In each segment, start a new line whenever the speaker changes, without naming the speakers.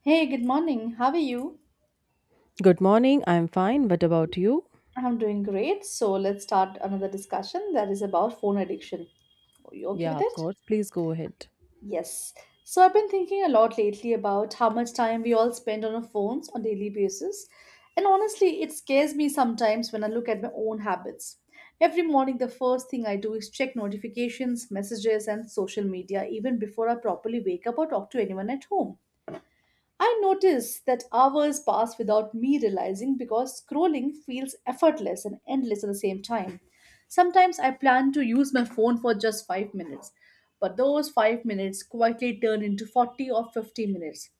Hey, good morning. How are you?
Good morning. I'm fine. What about you?
I'm doing great. So let's start another discussion that is about phone addiction. Are you okay
Yeah,
with
of
it?
course. Please go ahead.
Yes. So I've been thinking a lot lately about how much time we all spend on our phones on daily basis. And honestly, it scares me sometimes when I look at my own habits. Every morning, the first thing I do is check notifications, messages, and social media even before I properly wake up or talk to anyone at home. I notice that hours pass without me realizing because scrolling feels effortless and endless at the same time. Sometimes I plan to use my phone for just 5 minutes, but those 5 minutes quietly turn into 40 or 50 minutes.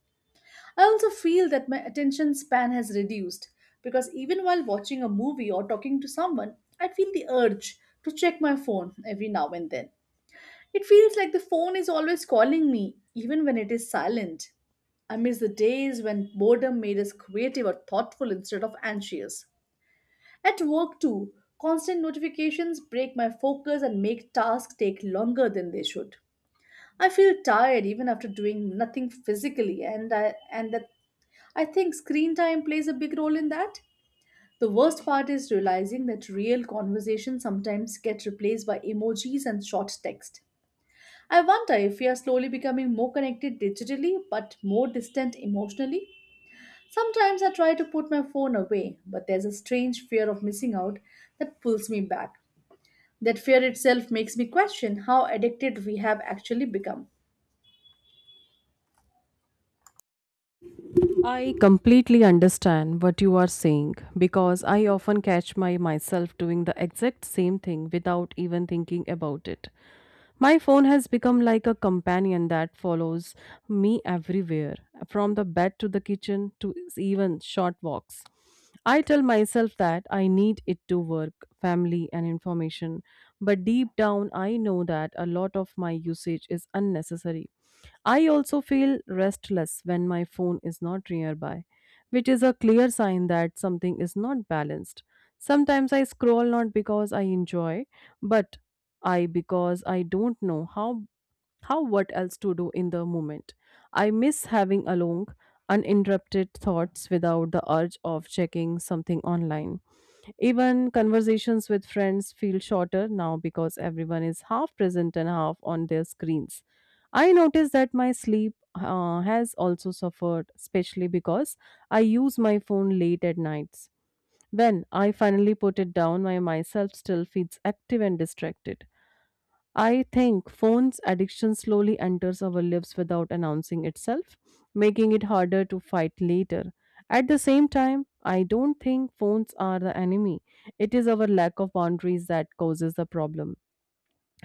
I also feel that my attention span has reduced because even while watching a movie or talking to someone, I feel the urge to check my phone every now and then. It feels like the phone is always calling me, even when it is silent. I miss the days when boredom made us creative or thoughtful instead of anxious. At work, too, constant notifications break my focus and make tasks take longer than they should. I feel tired even after doing nothing physically, and I, and that I think screen time plays a big role in that. The worst part is realizing that real conversations sometimes get replaced by emojis and short text. I wonder if we are slowly becoming more connected digitally but more distant emotionally. Sometimes I try to put my phone away, but there's a strange fear of missing out that pulls me back. That fear itself makes me question how addicted we have actually become.
I completely understand what you are saying because I often catch my myself doing the exact same thing without even thinking about it. My phone has become like a companion that follows me everywhere, from the bed to the kitchen to even short walks. I tell myself that I need it to work, family, and information, but deep down I know that a lot of my usage is unnecessary. I also feel restless when my phone is not nearby, which is a clear sign that something is not balanced. Sometimes I scroll not because I enjoy, but I because I don't know how what else to do in the moment. I miss having a long uninterrupted thoughts without the urge of checking something online. Even conversations with friends feel shorter now because everyone is half present and half on their screens. I notice that my sleep has also suffered, especially because I use my phone late at nights. When I finally put it down, my myself still feels active and distracted. I think phone's addiction slowly enters our lives without announcing itself, making it harder to fight later. At the same time, I don't think phones are the enemy. It is our lack of boundaries that causes the problem.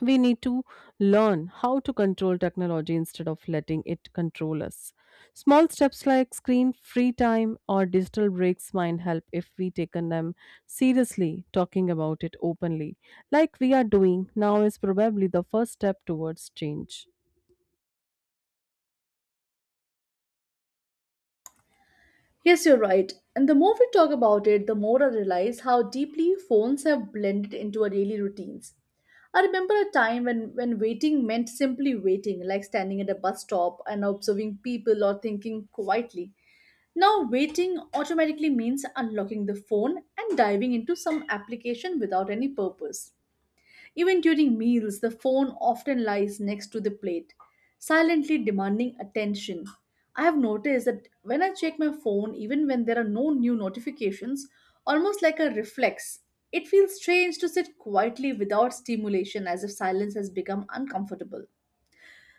We need to learn how to control technology instead of letting it control us. Small steps like screen free time or digital breaks might help if we taken them seriously. Talking about it openly, like we are doing now, is probably the first step towards change.
Yes, you're right. And the more we talk about it, the more I realize how deeply phones have blended into our daily routines. I remember a time when waiting meant simply waiting, like standing at a bus stop and observing people or thinking quietly. Now, waiting automatically means unlocking the phone and diving into some application without any purpose. Even during meals, the phone often lies next to the plate, silently demanding attention. I have noticed that when I check my phone, even when there are no new notifications, almost like a reflex, it feels strange to sit quietly without stimulation as if silence has become uncomfortable.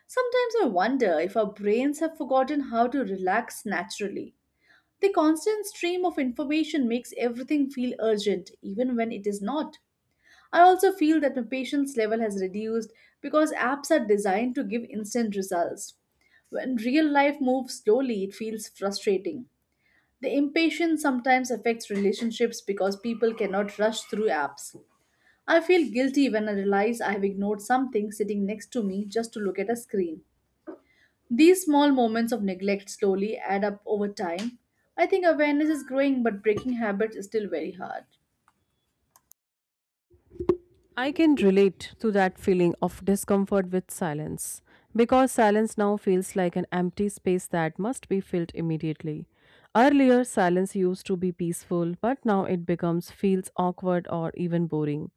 Sometimes I wonder if our brains have forgotten how to relax naturally. The constant stream of information makes everything feel urgent, even when it is not. I also feel that my patience level has reduced because apps are designed to give instant results. When real life moves slowly, it feels frustrating. The impatience sometimes affects relationships because people cannot rush through apps. I feel guilty when I realize I have ignored something sitting next to me just to look at a screen. These small moments of neglect slowly add up over time. I think awareness is growing, but breaking habits is still very hard.
I can relate to that feeling of discomfort with silence because silence now feels like an empty space that must be filled immediately. Earlier silence used to be peaceful, but now it becomes feels awkward or even boring.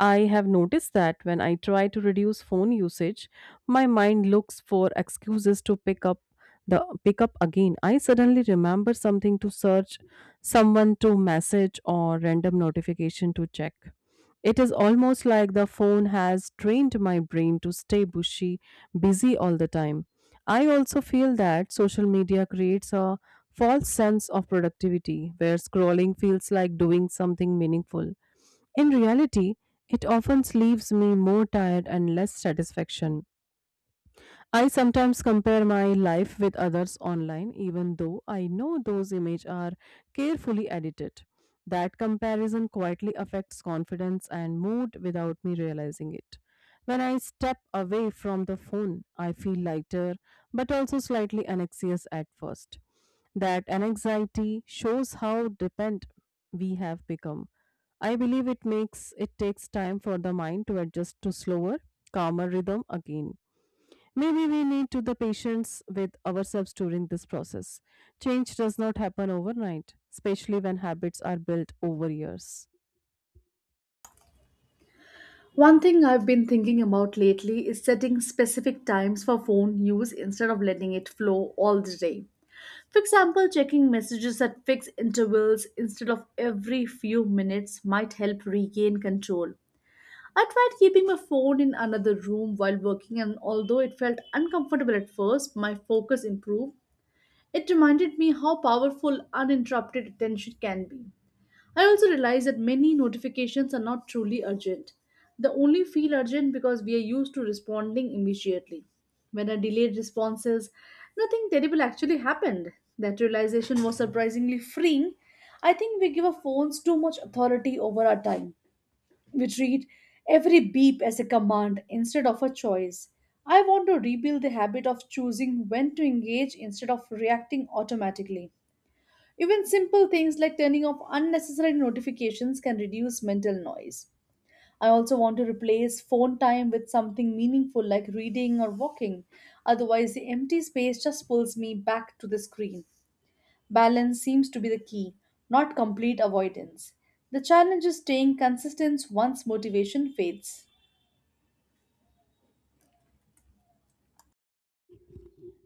I have noticed that when I try to reduce phone usage, my mind looks for excuses to pick up the pick up again. I suddenly remember something to search, someone to message or random notification to check. It is almost like the phone has trained my brain to stay busy all the time. I also feel that social media creates a false sense of productivity where scrolling feels like doing something meaningful. In reality, it often leaves me more tired and less satisfaction. I sometimes compare my life with others online, even though I know those images are carefully edited. That comparison quietly affects confidence and mood without me realizing it. When I step away from the phone, I feel lighter but also slightly anxious at first. That anxiety shows how dependent we have become. I believe it makes it takes time for the mind to adjust to slower, calmer rhythm again. Maybe we need to the patience with ourselves during this process. Change does not happen overnight, especially when habits are built over years.
One thing I've been thinking about lately is setting specific times for phone use instead of letting it flow all the day. For example, checking messages at fixed intervals instead of every few minutes might help regain control. I tried keeping my phone in another room while working, and although it felt uncomfortable at first, my focus improved. It reminded me how powerful uninterrupted attention can be. I also realized that many notifications are not truly urgent. They only feel urgent because we are used to responding immediately. When I delayed responses, nothing terrible actually happened. That realization was surprisingly freeing. I think we give our phones too much authority over our time. We treat every beep as a command instead of a choice. I want to rebuild the habit of choosing when to engage instead of reacting automatically. Even simple things like turning off unnecessary notifications can reduce mental noise. I also want to replace phone time with something meaningful like reading or walking. Otherwise, the empty space just pulls me back to the screen. Balance seems to be the key, not complete avoidance. The challenge is staying consistent once motivation fades.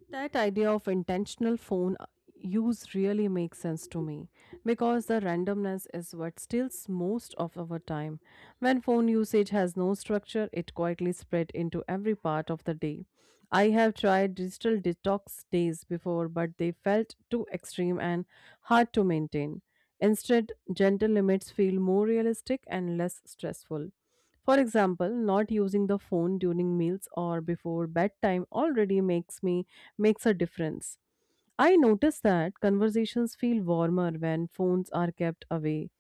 That idea of intentional phone use really makes sense to me because the randomness is what steals most of our time. When phone usage has no structure, it quietly spread into every part of the day. I have tried digital detox days before, but they felt too extreme and hard to maintain. Instead, gentle limits feel more realistic and less stressful. For example, not using the phone during meals or before bedtime already makes a difference. I notice that conversations feel warmer when phones are kept away.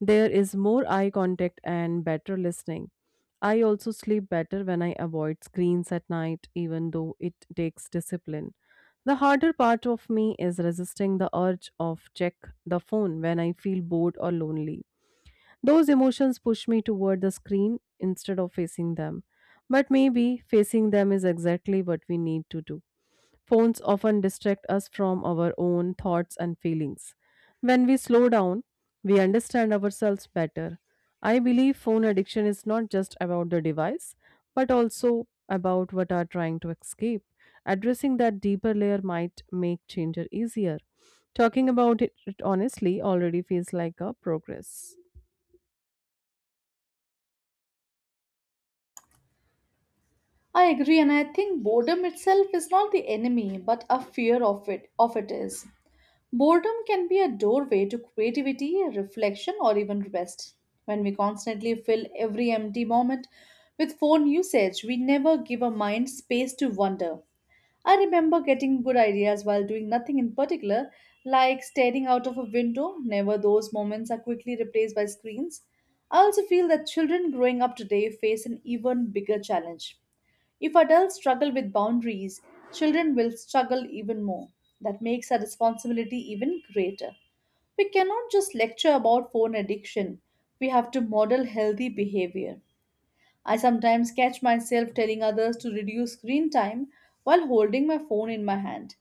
There is more eye contact and better listening. I also sleep better when I avoid screens at night, even though it takes discipline. The harder part of me is resisting the urge of check the phone when I feel bored or lonely. Those emotions push me toward the screen instead of facing them. But maybe facing them is exactly what we need to do. Phones often distract us from our own thoughts and feelings. When we slow down, we understand ourselves better. I believe phone addiction is not just about the device, but also about what are trying to escape. Addressing that deeper layer might make change easier. Talking about it honestly already feels like a progress.
I agree, and I think boredom itself is not the enemy but a fear of it is. Boredom can be a doorway to creativity, reflection, or even rest. When we constantly fill every empty moment with phone usage, we never give our mind space to wonder. I remember getting good ideas while doing nothing in particular, like staring out of a window. Never those moments are quickly replaced by screens. I also feel that children growing up today face an even bigger challenge. If adults struggle with boundaries, children will struggle even more. That makes our responsibility even greater. We cannot just lecture about phone addiction, we have to model healthy behavior. I sometimes catch myself telling others to reduce screen time while holding my phone in my hand.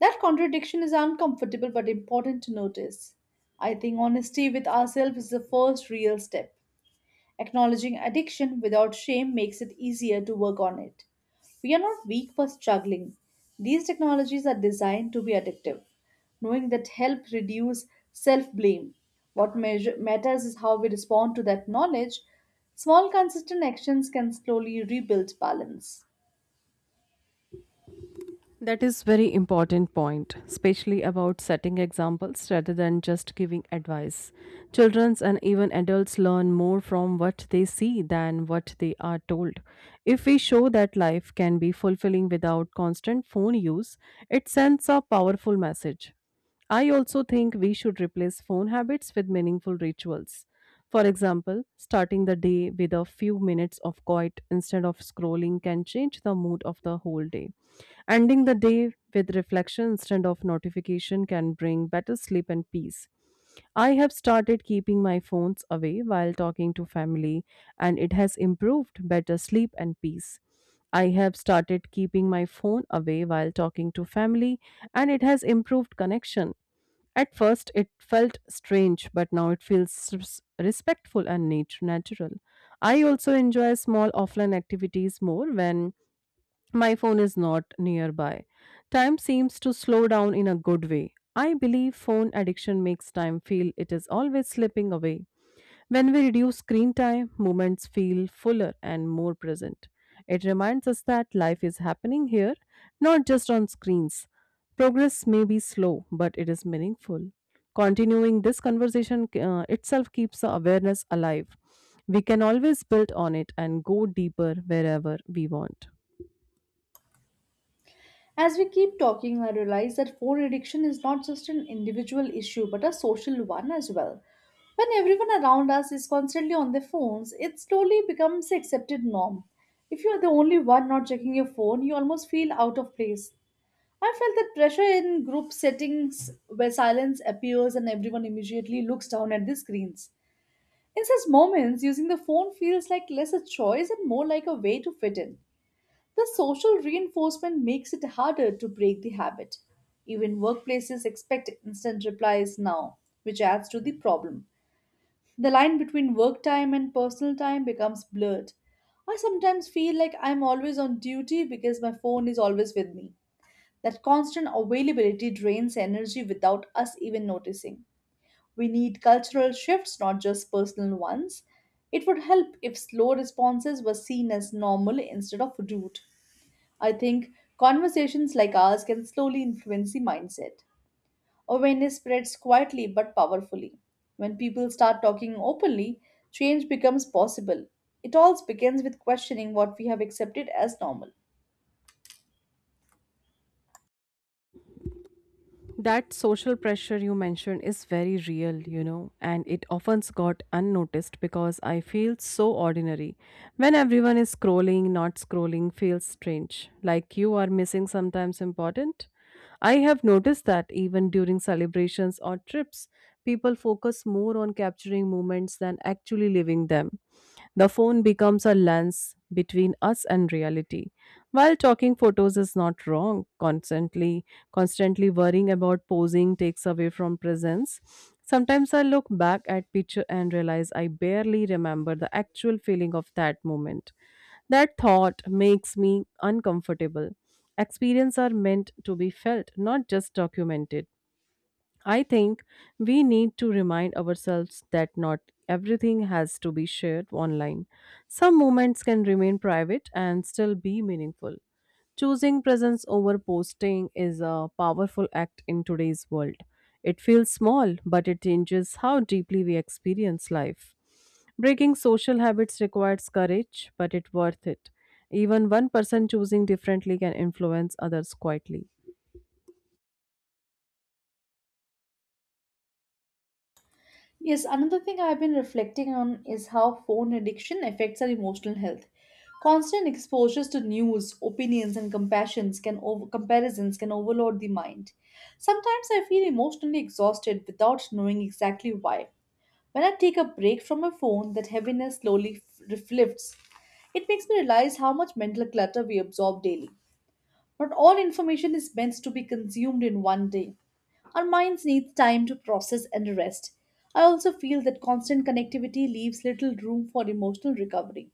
That contradiction is uncomfortable but important to notice. I think honesty with ourselves is the first real step. Acknowledging addiction without shame makes it easier to work on it. We are not weak for struggling. These technologies are designed to be addictive, knowing that help reduce self blame. What matters is how we respond to that knowledge. Small, consistent actions can slowly rebuild balance.
That is very important point, especially about setting examples rather than just giving advice. Childrens and even adults learn more from what they see than what they are told. If we show that life can be fulfilling without constant phone use, it sends a powerful message. I also think we should replace phone habits with meaningful rituals. For example, starting the day with a few minutes of quiet instead of scrolling can change the mood of the whole day. Ending the day with reflection instead of notification can bring better sleep and peace. I have started keeping my phones away while talking to family, and it has improved better sleep and peace. I have started keeping my phone away while talking to family, and it has improved connection. At first, it felt strange, but now it feels respectful and natural. I also enjoy small offline activities more when my phone is not nearby. Time seems to slow down in a good way. I believe phone addiction makes time feel it is always slipping away. When we reduce screen time, moments feel fuller and more present. It reminds us that life is happening here, not just on screens. Progress may be slow, but it is meaningful. Continuing this conversation itself keeps the awareness alive. We can always build on it and go deeper wherever we want.
As we keep talking, I realize that phone addiction is not just an individual issue but a social one as well. When everyone around us is constantly on their phones, it slowly becomes the accepted norm. If you are the only one not checking your phone, you almost feel out of place. I felt that pressure in group settings where silence appears and everyone immediately looks down at the screens. In such moments, using the phone feels like less a choice and more like a way to fit in. The social reinforcement makes it harder to break the habit. Even workplaces expect instant replies now, which adds to the problem. The line between work time and personal time becomes blurred. I sometimes feel like I'm always on duty because my phone is always with me. That constant availability drains energy without us even noticing. We need cultural shifts, not just personal ones. It would help if slow responses were seen as normal instead of rude. I think conversations like ours can slowly influence the mindset. Awareness spreads quietly but powerfully. When people start talking openly, change becomes possible. It all begins with questioning what we have accepted as normal.
That social pressure you mentioned is very real, you know, and it often got unnoticed because I feel so ordinary. When everyone is scrolling, not scrolling feels strange, like you are missing sometimes important. I have noticed that even during celebrations or trips, people focus more on capturing moments than actually living them. The phone becomes a lens between us and reality. While talking photos is not wrong, constantly worrying about posing takes away from presence. Sometimes I look back at picture and realize I barely remember the actual feeling of that moment. That thought makes me uncomfortable. Experience are meant to be felt, not just documented. I think we need to remind ourselves that not everything has to be shared online. Some moments can remain private and still be meaningful. Choosing presence over posting is a powerful act in today's world. It feels small, but it changes how deeply we experience life. Breaking social habits requires courage, but it's worth it. Even one person choosing differently can influence others quietly.
Yes, another thing I've been reflecting on is how phone addiction affects our emotional health. Constant exposures to news, opinions, and comparisons can overload the mind. Sometimes I feel emotionally exhausted without knowing exactly why. When I take a break from my phone, that heaviness slowly lifts. It makes me realize how much mental clutter we absorb daily. Not all information is meant to be consumed in one day. Our minds need time to process and rest. I also feel that constant connectivity leaves little room for emotional recovery.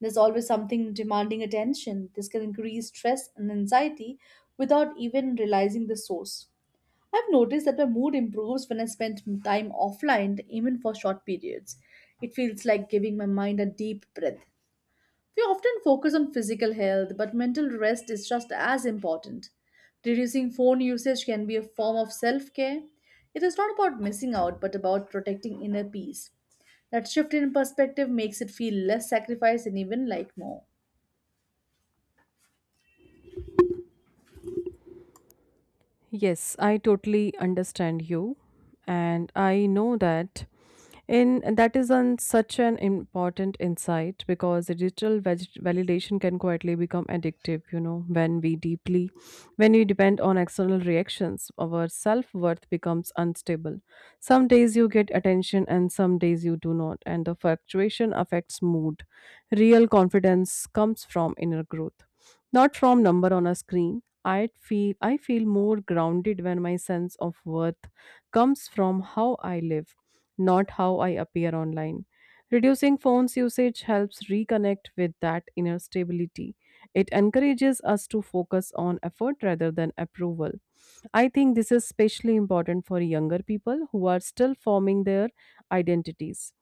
There's always something demanding attention. This can increase stress and anxiety without even realizing the source. I've noticed that my mood improves when I spend time offline, even for short periods. It feels like giving my mind a deep breath. We often focus on physical health, but mental rest is just as important. Reducing phone usage can be a form of self care. It is not about missing out, but about protecting inner peace. That shift in perspective makes it feel less sacrifice and even like more.
Yes, I totally understand you. And I know that in that is on such an important insight because the digital validation can quietly become addictive, you know, when we depend on external reactions, our self-worth becomes unstable. Some days you get attention and some days you do not, and the fluctuation affects mood. Real confidence comes from inner growth. Not from number on a screen. I feel more grounded when my sense of worth comes from how I live, not how I appear online. Reducing phones usage helps reconnect with that inner stability. It encourages us to focus on effort rather than approval. I think this is especially important for younger people who are still forming their identities.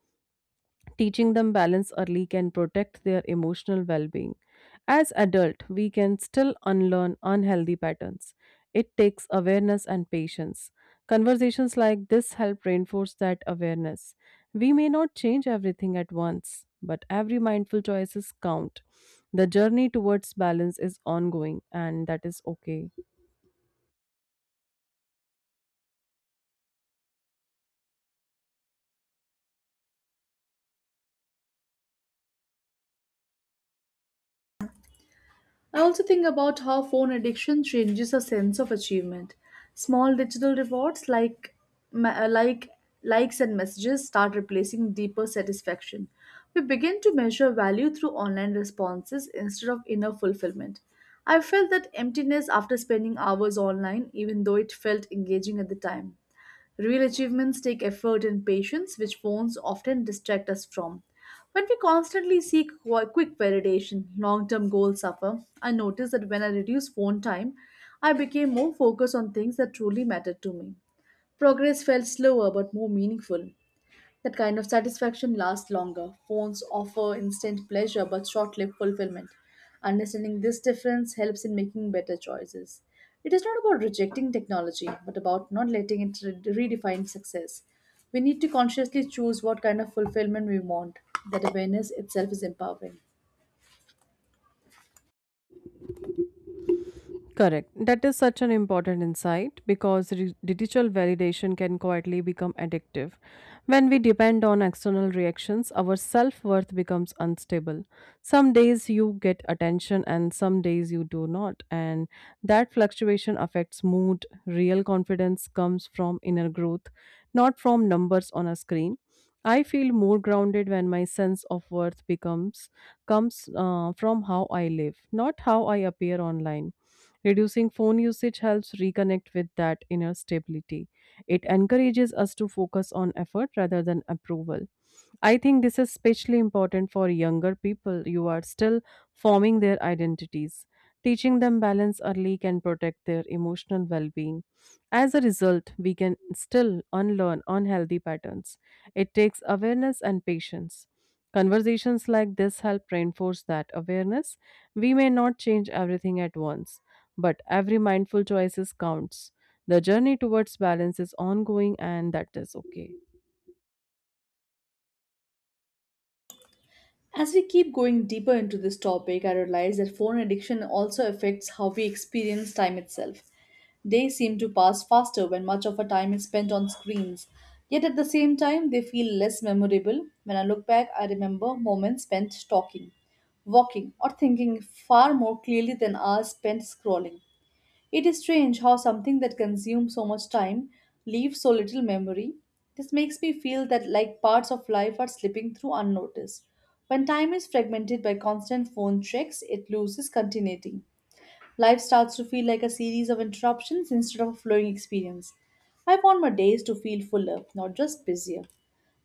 Teaching them balance early can protect their emotional well-being. As adult, we can still unlearn unhealthy patterns. It takes awareness and patience. Conversations like this help reinforce that awareness. We may not change everything at once, but every mindful choices count. The journey towards balance is ongoing and that is okay.
I also think about how phone addiction changes a sense of achievement. Small digital rewards like like likes and messages start replacing deeper satisfaction. We begin to measure value through online responses instead of inner fulfillment. I felt that emptiness after spending hours online even though it felt engaging at the time. Real achievements take effort and patience, which phones often distract us from. When we constantly seek quick validation, long term goals suffer. I noticed that when I reduced phone time, I became more focused on things that truly mattered to me. Progress felt slower but more meaningful. That kind of satisfaction lasts longer. Phones offer instant pleasure but short lived fulfillment. Understanding this difference helps in making better choices. It is not about rejecting technology, but about not letting it redefine success. We need to consciously choose what kind of fulfillment we want. That awareness itself is empowering.
Correct. That is such an important insight because digital validation can quietly become addictive. When we depend on external reactions, our self worth becomes unstable. Some days you get attention and some days you do not. And that fluctuation affects mood. Real confidence comes from inner growth, not from numbers on a screen. I feel more grounded when my sense of worth becomes comes from how I live, not how I appear online. Reducing phone usage helps reconnect with that inner stability. It encourages us to focus on effort rather than approval. I think this is especially important for younger people. You are still forming their identities. Teaching them balance early can protect their emotional well being. As a result, we can still unlearn unhealthy patterns. It takes awareness and patience. Conversations like this help reinforce that awareness. We may not change everything at once, but every mindful choice counts. The journey towards balance is ongoing, and that is okay.
As we keep going deeper into this topic, I realize that phone addiction also affects how we experience time itself. Days seem to pass faster when much of our time is spent on screens. Yet at the same time, they feel less memorable. When I look back, I remember moments spent talking, walking, or thinking far more clearly than hours spent scrolling. It is strange how something that consumes so much time leaves so little memory. This makes me feel that like parts of life are slipping through unnoticed. When time is fragmented by constant phone checks, it loses continuity. Life starts to feel like a series of interruptions instead of a flowing experience. I want my days to feel fuller, not just busier.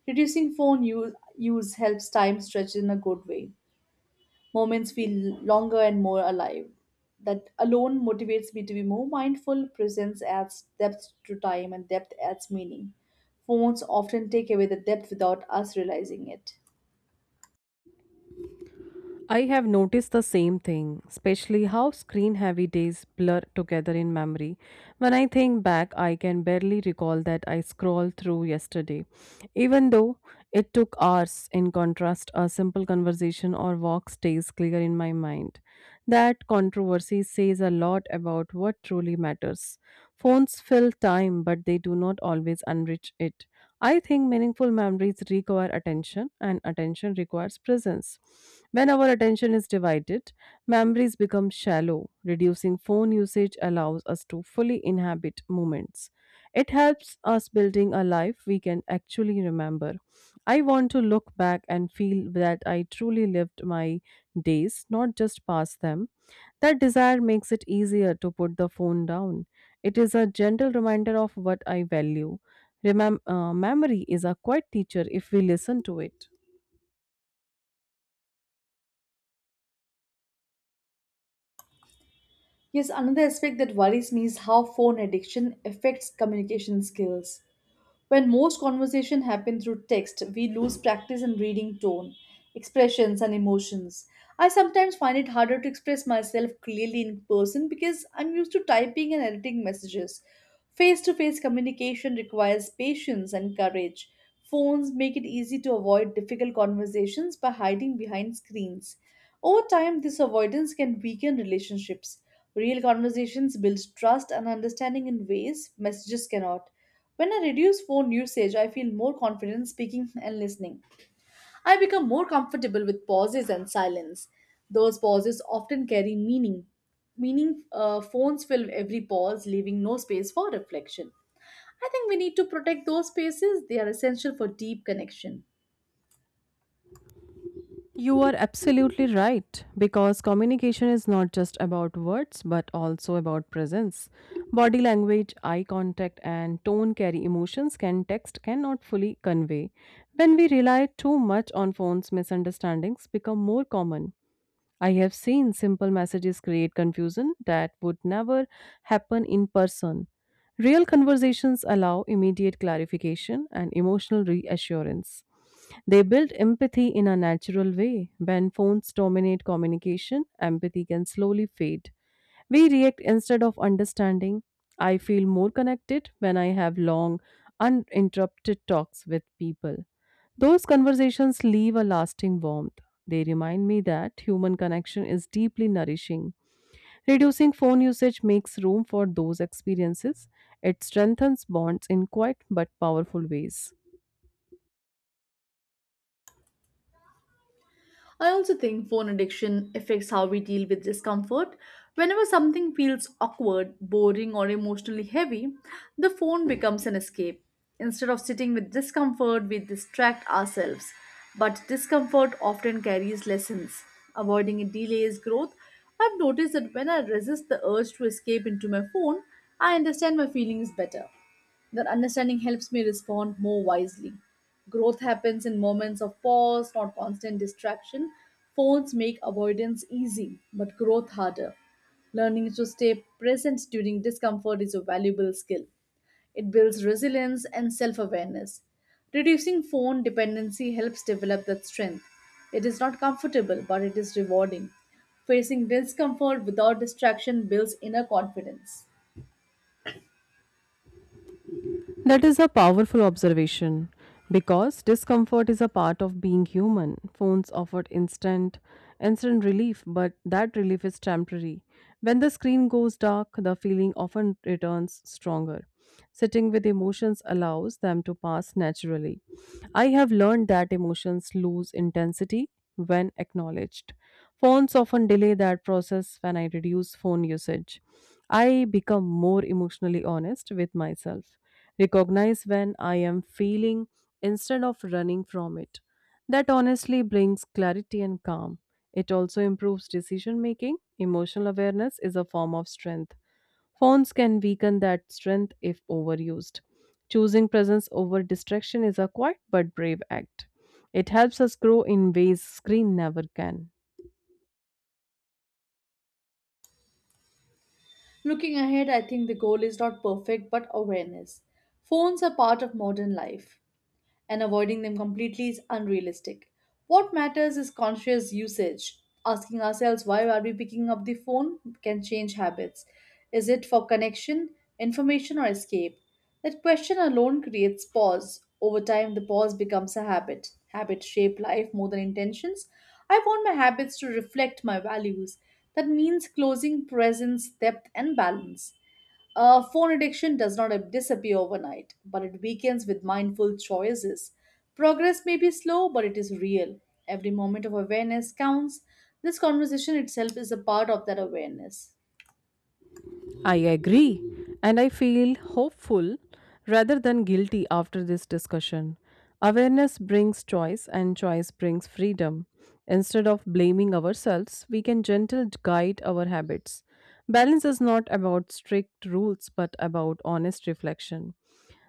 Reducing phone use helps time stretch in a good way. Moments feel longer and more alive. That alone motivates me to be more mindful. Presence adds depth to time, and depth adds meaning. Phones often take away the depth without us realizing it.
I have noticed the same thing, especially how screen heavy days blur together in memory. When I think back, I can barely recall that I scrolled through yesterday, even though it took hours. In contrast, a simple conversation or walk stays clear in my mind. That controversy says a lot about what truly matters. Phones fill time, but they do not always enrich it. I think meaningful memories require attention, and attention requires presence. When our attention is divided, memories become shallow. Reducing phone usage allows us to fully inhabit moments. It helps us building a life we can actually remember. I want to look back and feel that I truly lived my days, not just past them. That desire makes it easier to put the phone down. It is a gentle reminder of what I value. Memory is a quiet teacher if we listen to it.
Yes, another aspect that worries me is how phone addiction affects communication skills. When most conversation happen through text, we lose practice in reading tone, expressions and emotions. I sometimes find it harder to express myself clearly in person because I'm used to typing and editing messages. Face-to-face communication requires patience and courage. Phones make it easy to avoid difficult conversations by hiding behind screens. Over time, this avoidance can weaken relationships. Real conversations build trust and understanding in ways messages cannot. When I reduce phone usage, I feel more confident speaking and listening. I become more comfortable with pauses and silence. Those pauses often carry meaning. Meaning, phones fill every pause, leaving no space for reflection. I think we need to protect those spaces, they are essential for deep connection.
You are absolutely right because communication is not just about words but also about presence. Body language, eye contact, and tone carry emotions can text cannot fully convey. When we rely too much on phones, misunderstandings become more common. I have seen simple messages create confusion that would never happen in person. Real conversations allow immediate clarification and emotional reassurance. They build empathy in a natural way. When phones dominate communication, empathy can slowly fade. We react instead of understanding. I feel more connected when I have long, uninterrupted talks with people. Those conversations leave a lasting warmth. They remind me that human connection is deeply nourishing. Reducing phone usage makes room for those experiences. It strengthens bonds in quiet but powerful ways.
I also think phone addiction affects how we deal with discomfort. Whenever something feels awkward, boring, or emotionally heavy, the phone becomes an escape. Instead of sitting with discomfort, we distract ourselves. But discomfort often carries lessons. Avoiding it delays growth. I've noticed that when I resist the urge to escape into my phone, I understand my feelings better. That understanding helps me respond more wisely. Growth happens in moments of pause, not constant distraction. Phones make avoidance easy, but growth harder. Learning to stay present during discomfort is a valuable skill. It builds resilience and self awareness. Reducing phone dependency helps develop that strength. It is not comfortable, but it is rewarding. Facing discomfort without distraction builds inner confidence.
That is a powerful observation because discomfort is a part of being human. Phones offer instant relief, but that relief is temporary. When the screen goes dark, the feeling often returns stronger. Sitting with emotions allows them to pass naturally. I have learned that emotions lose intensity when acknowledged. Phones often delay that process when I reduce phone usage. I become more emotionally honest with myself recognize when I am feeling instead of running from it. That honestly brings clarity and calm. It also improves decision making. Emotional awareness is a form of strength. Phones can weaken that strength if overused. Choosing presence over distraction is a quiet but brave act. It helps us grow in ways screen never can.
Looking ahead, I think the goal is not perfect but awareness. Phones are part of modern life and avoiding them completely is unrealistic. What matters is conscious usage. Asking ourselves why are we picking up the phone can change habits. Is it for connection, information, or escape? That question alone creates pause. Over time, the pause becomes a habit. Habits shape life more than intentions. I want my habits to reflect my values. That means closing presence, depth, and balance. Phone addiction does not disappear overnight, but it weakens with mindful choices. Progress may be slow, but it is real. Every moment of awareness counts. This conversation itself is a part of that awareness.
I agree, and I feel hopeful rather than guilty after this discussion. Awareness brings choice, and choice brings freedom. Instead of blaming ourselves, we can gently guide our habits. Balance is not about strict rules but about honest reflection.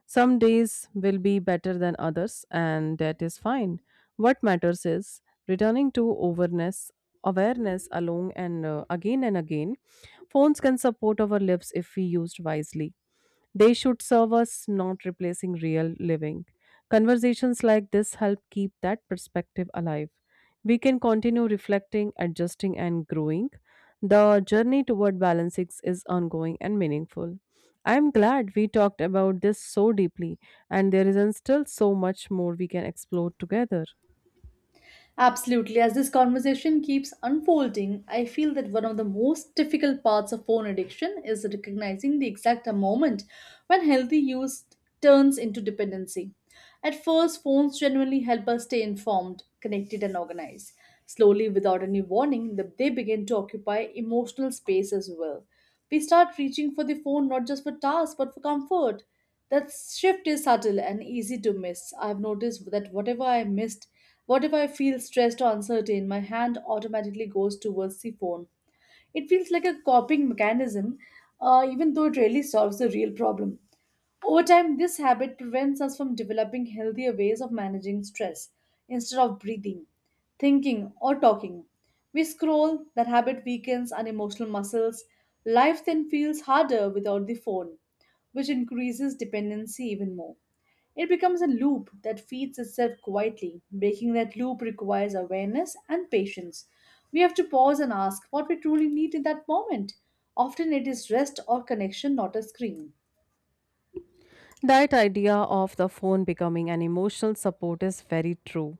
Some days will be better than others, and that is fine. What matters is returning to awareness alone, and again and again, phones can support our lives if we used wisely. They should serve us, not replacing real living. Conversations like this help keep that perspective alive. We can continue reflecting, adjusting, and growing. The journey toward balancing is ongoing and meaningful. I am glad we talked about this so deeply, and there is still so much more we can explore together.
Absolutely. As this conversation keeps unfolding, I feel that one of the most difficult parts of phone addiction is recognizing the exact moment when healthy use turns into dependency. At first, phones genuinely help us stay informed, connected, and organized. Slowly, without any warning, they begin to occupy emotional space as well. We start reaching for the phone not just for tasks but for comfort. That shift is subtle and easy to miss. I've noticed that whatever I missed, whatever I feel stressed or uncertain, my hand automatically goes towards the phone. It feels like a coping mechanism, even though it rarely solves the real problem. Over time, this habit prevents us from developing healthier ways of managing stress instead of breathing, thinking, or talking. We scroll, that habit weakens our emotional muscles. Life then feels harder without the phone, which increases dependency even more. It becomes a loop that feeds itself quietly. Breaking that loop requires awareness and patience. We have to pause and ask what we truly need in that moment. Often it is rest or connection, not a screen.
That idea of the phone becoming an emotional support is very true,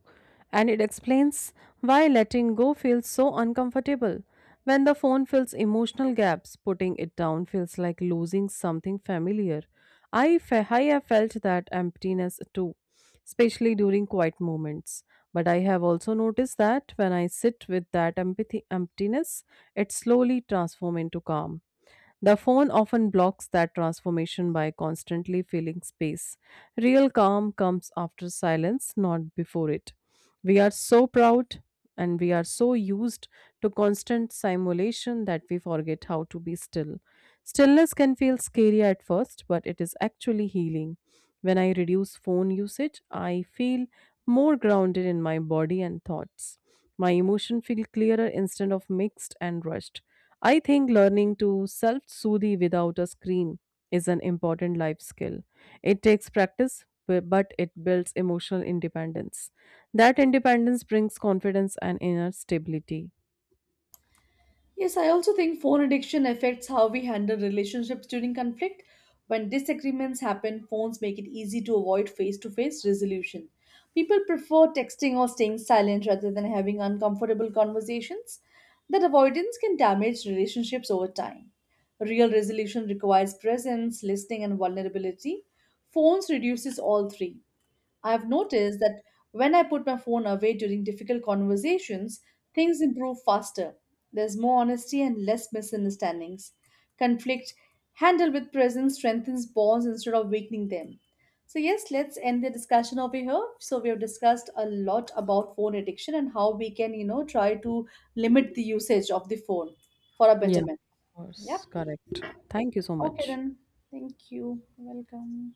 and it explains why letting go feels so uncomfortable. When the phone fills emotional gaps, putting it down feels like losing something familiar. I have felt that emptiness too, especially during quiet moments. But I have also noticed that when I sit with that empathy emptiness, it slowly transforms into calm. The phone often blocks that transformation by constantly filling space. Real calm comes after silence, not before it. We are so proud and we are so used to constant simulation that we forget how to be still. Stillness can feel scary at first, but it is actually healing. When I reduce phone usage, I feel more grounded in my body and thoughts. My emotions feel clearer instead of mixed and rushed. I think learning to self-soothe without a screen is an important life skill. It takes practice, but it builds emotional independence. That independence brings confidence and inner stability.
Yes, I also think phone addiction affects how we handle relationships during conflict. When disagreements happen, phones make it easy to avoid face to face resolution. People prefer texting or staying silent rather than having uncomfortable conversations. That avoidance can damage relationships over time. Real resolution requires presence, listening, and vulnerability. Phones reduces all three. I've noticed that when I put my phone away during difficult conversations, things improve faster. There's more honesty and less misunderstandings. Conflict handled with presence strengthens bonds instead of weakening them. So, yes, let's end the discussion over here. So, we have discussed a lot about phone addiction and how we can, you know, try to limit the usage of the phone for a
Yeah, of
betterment. Yeah.
course, correct. Thank you so
Okay,
much.
then. Thank you. Welcome.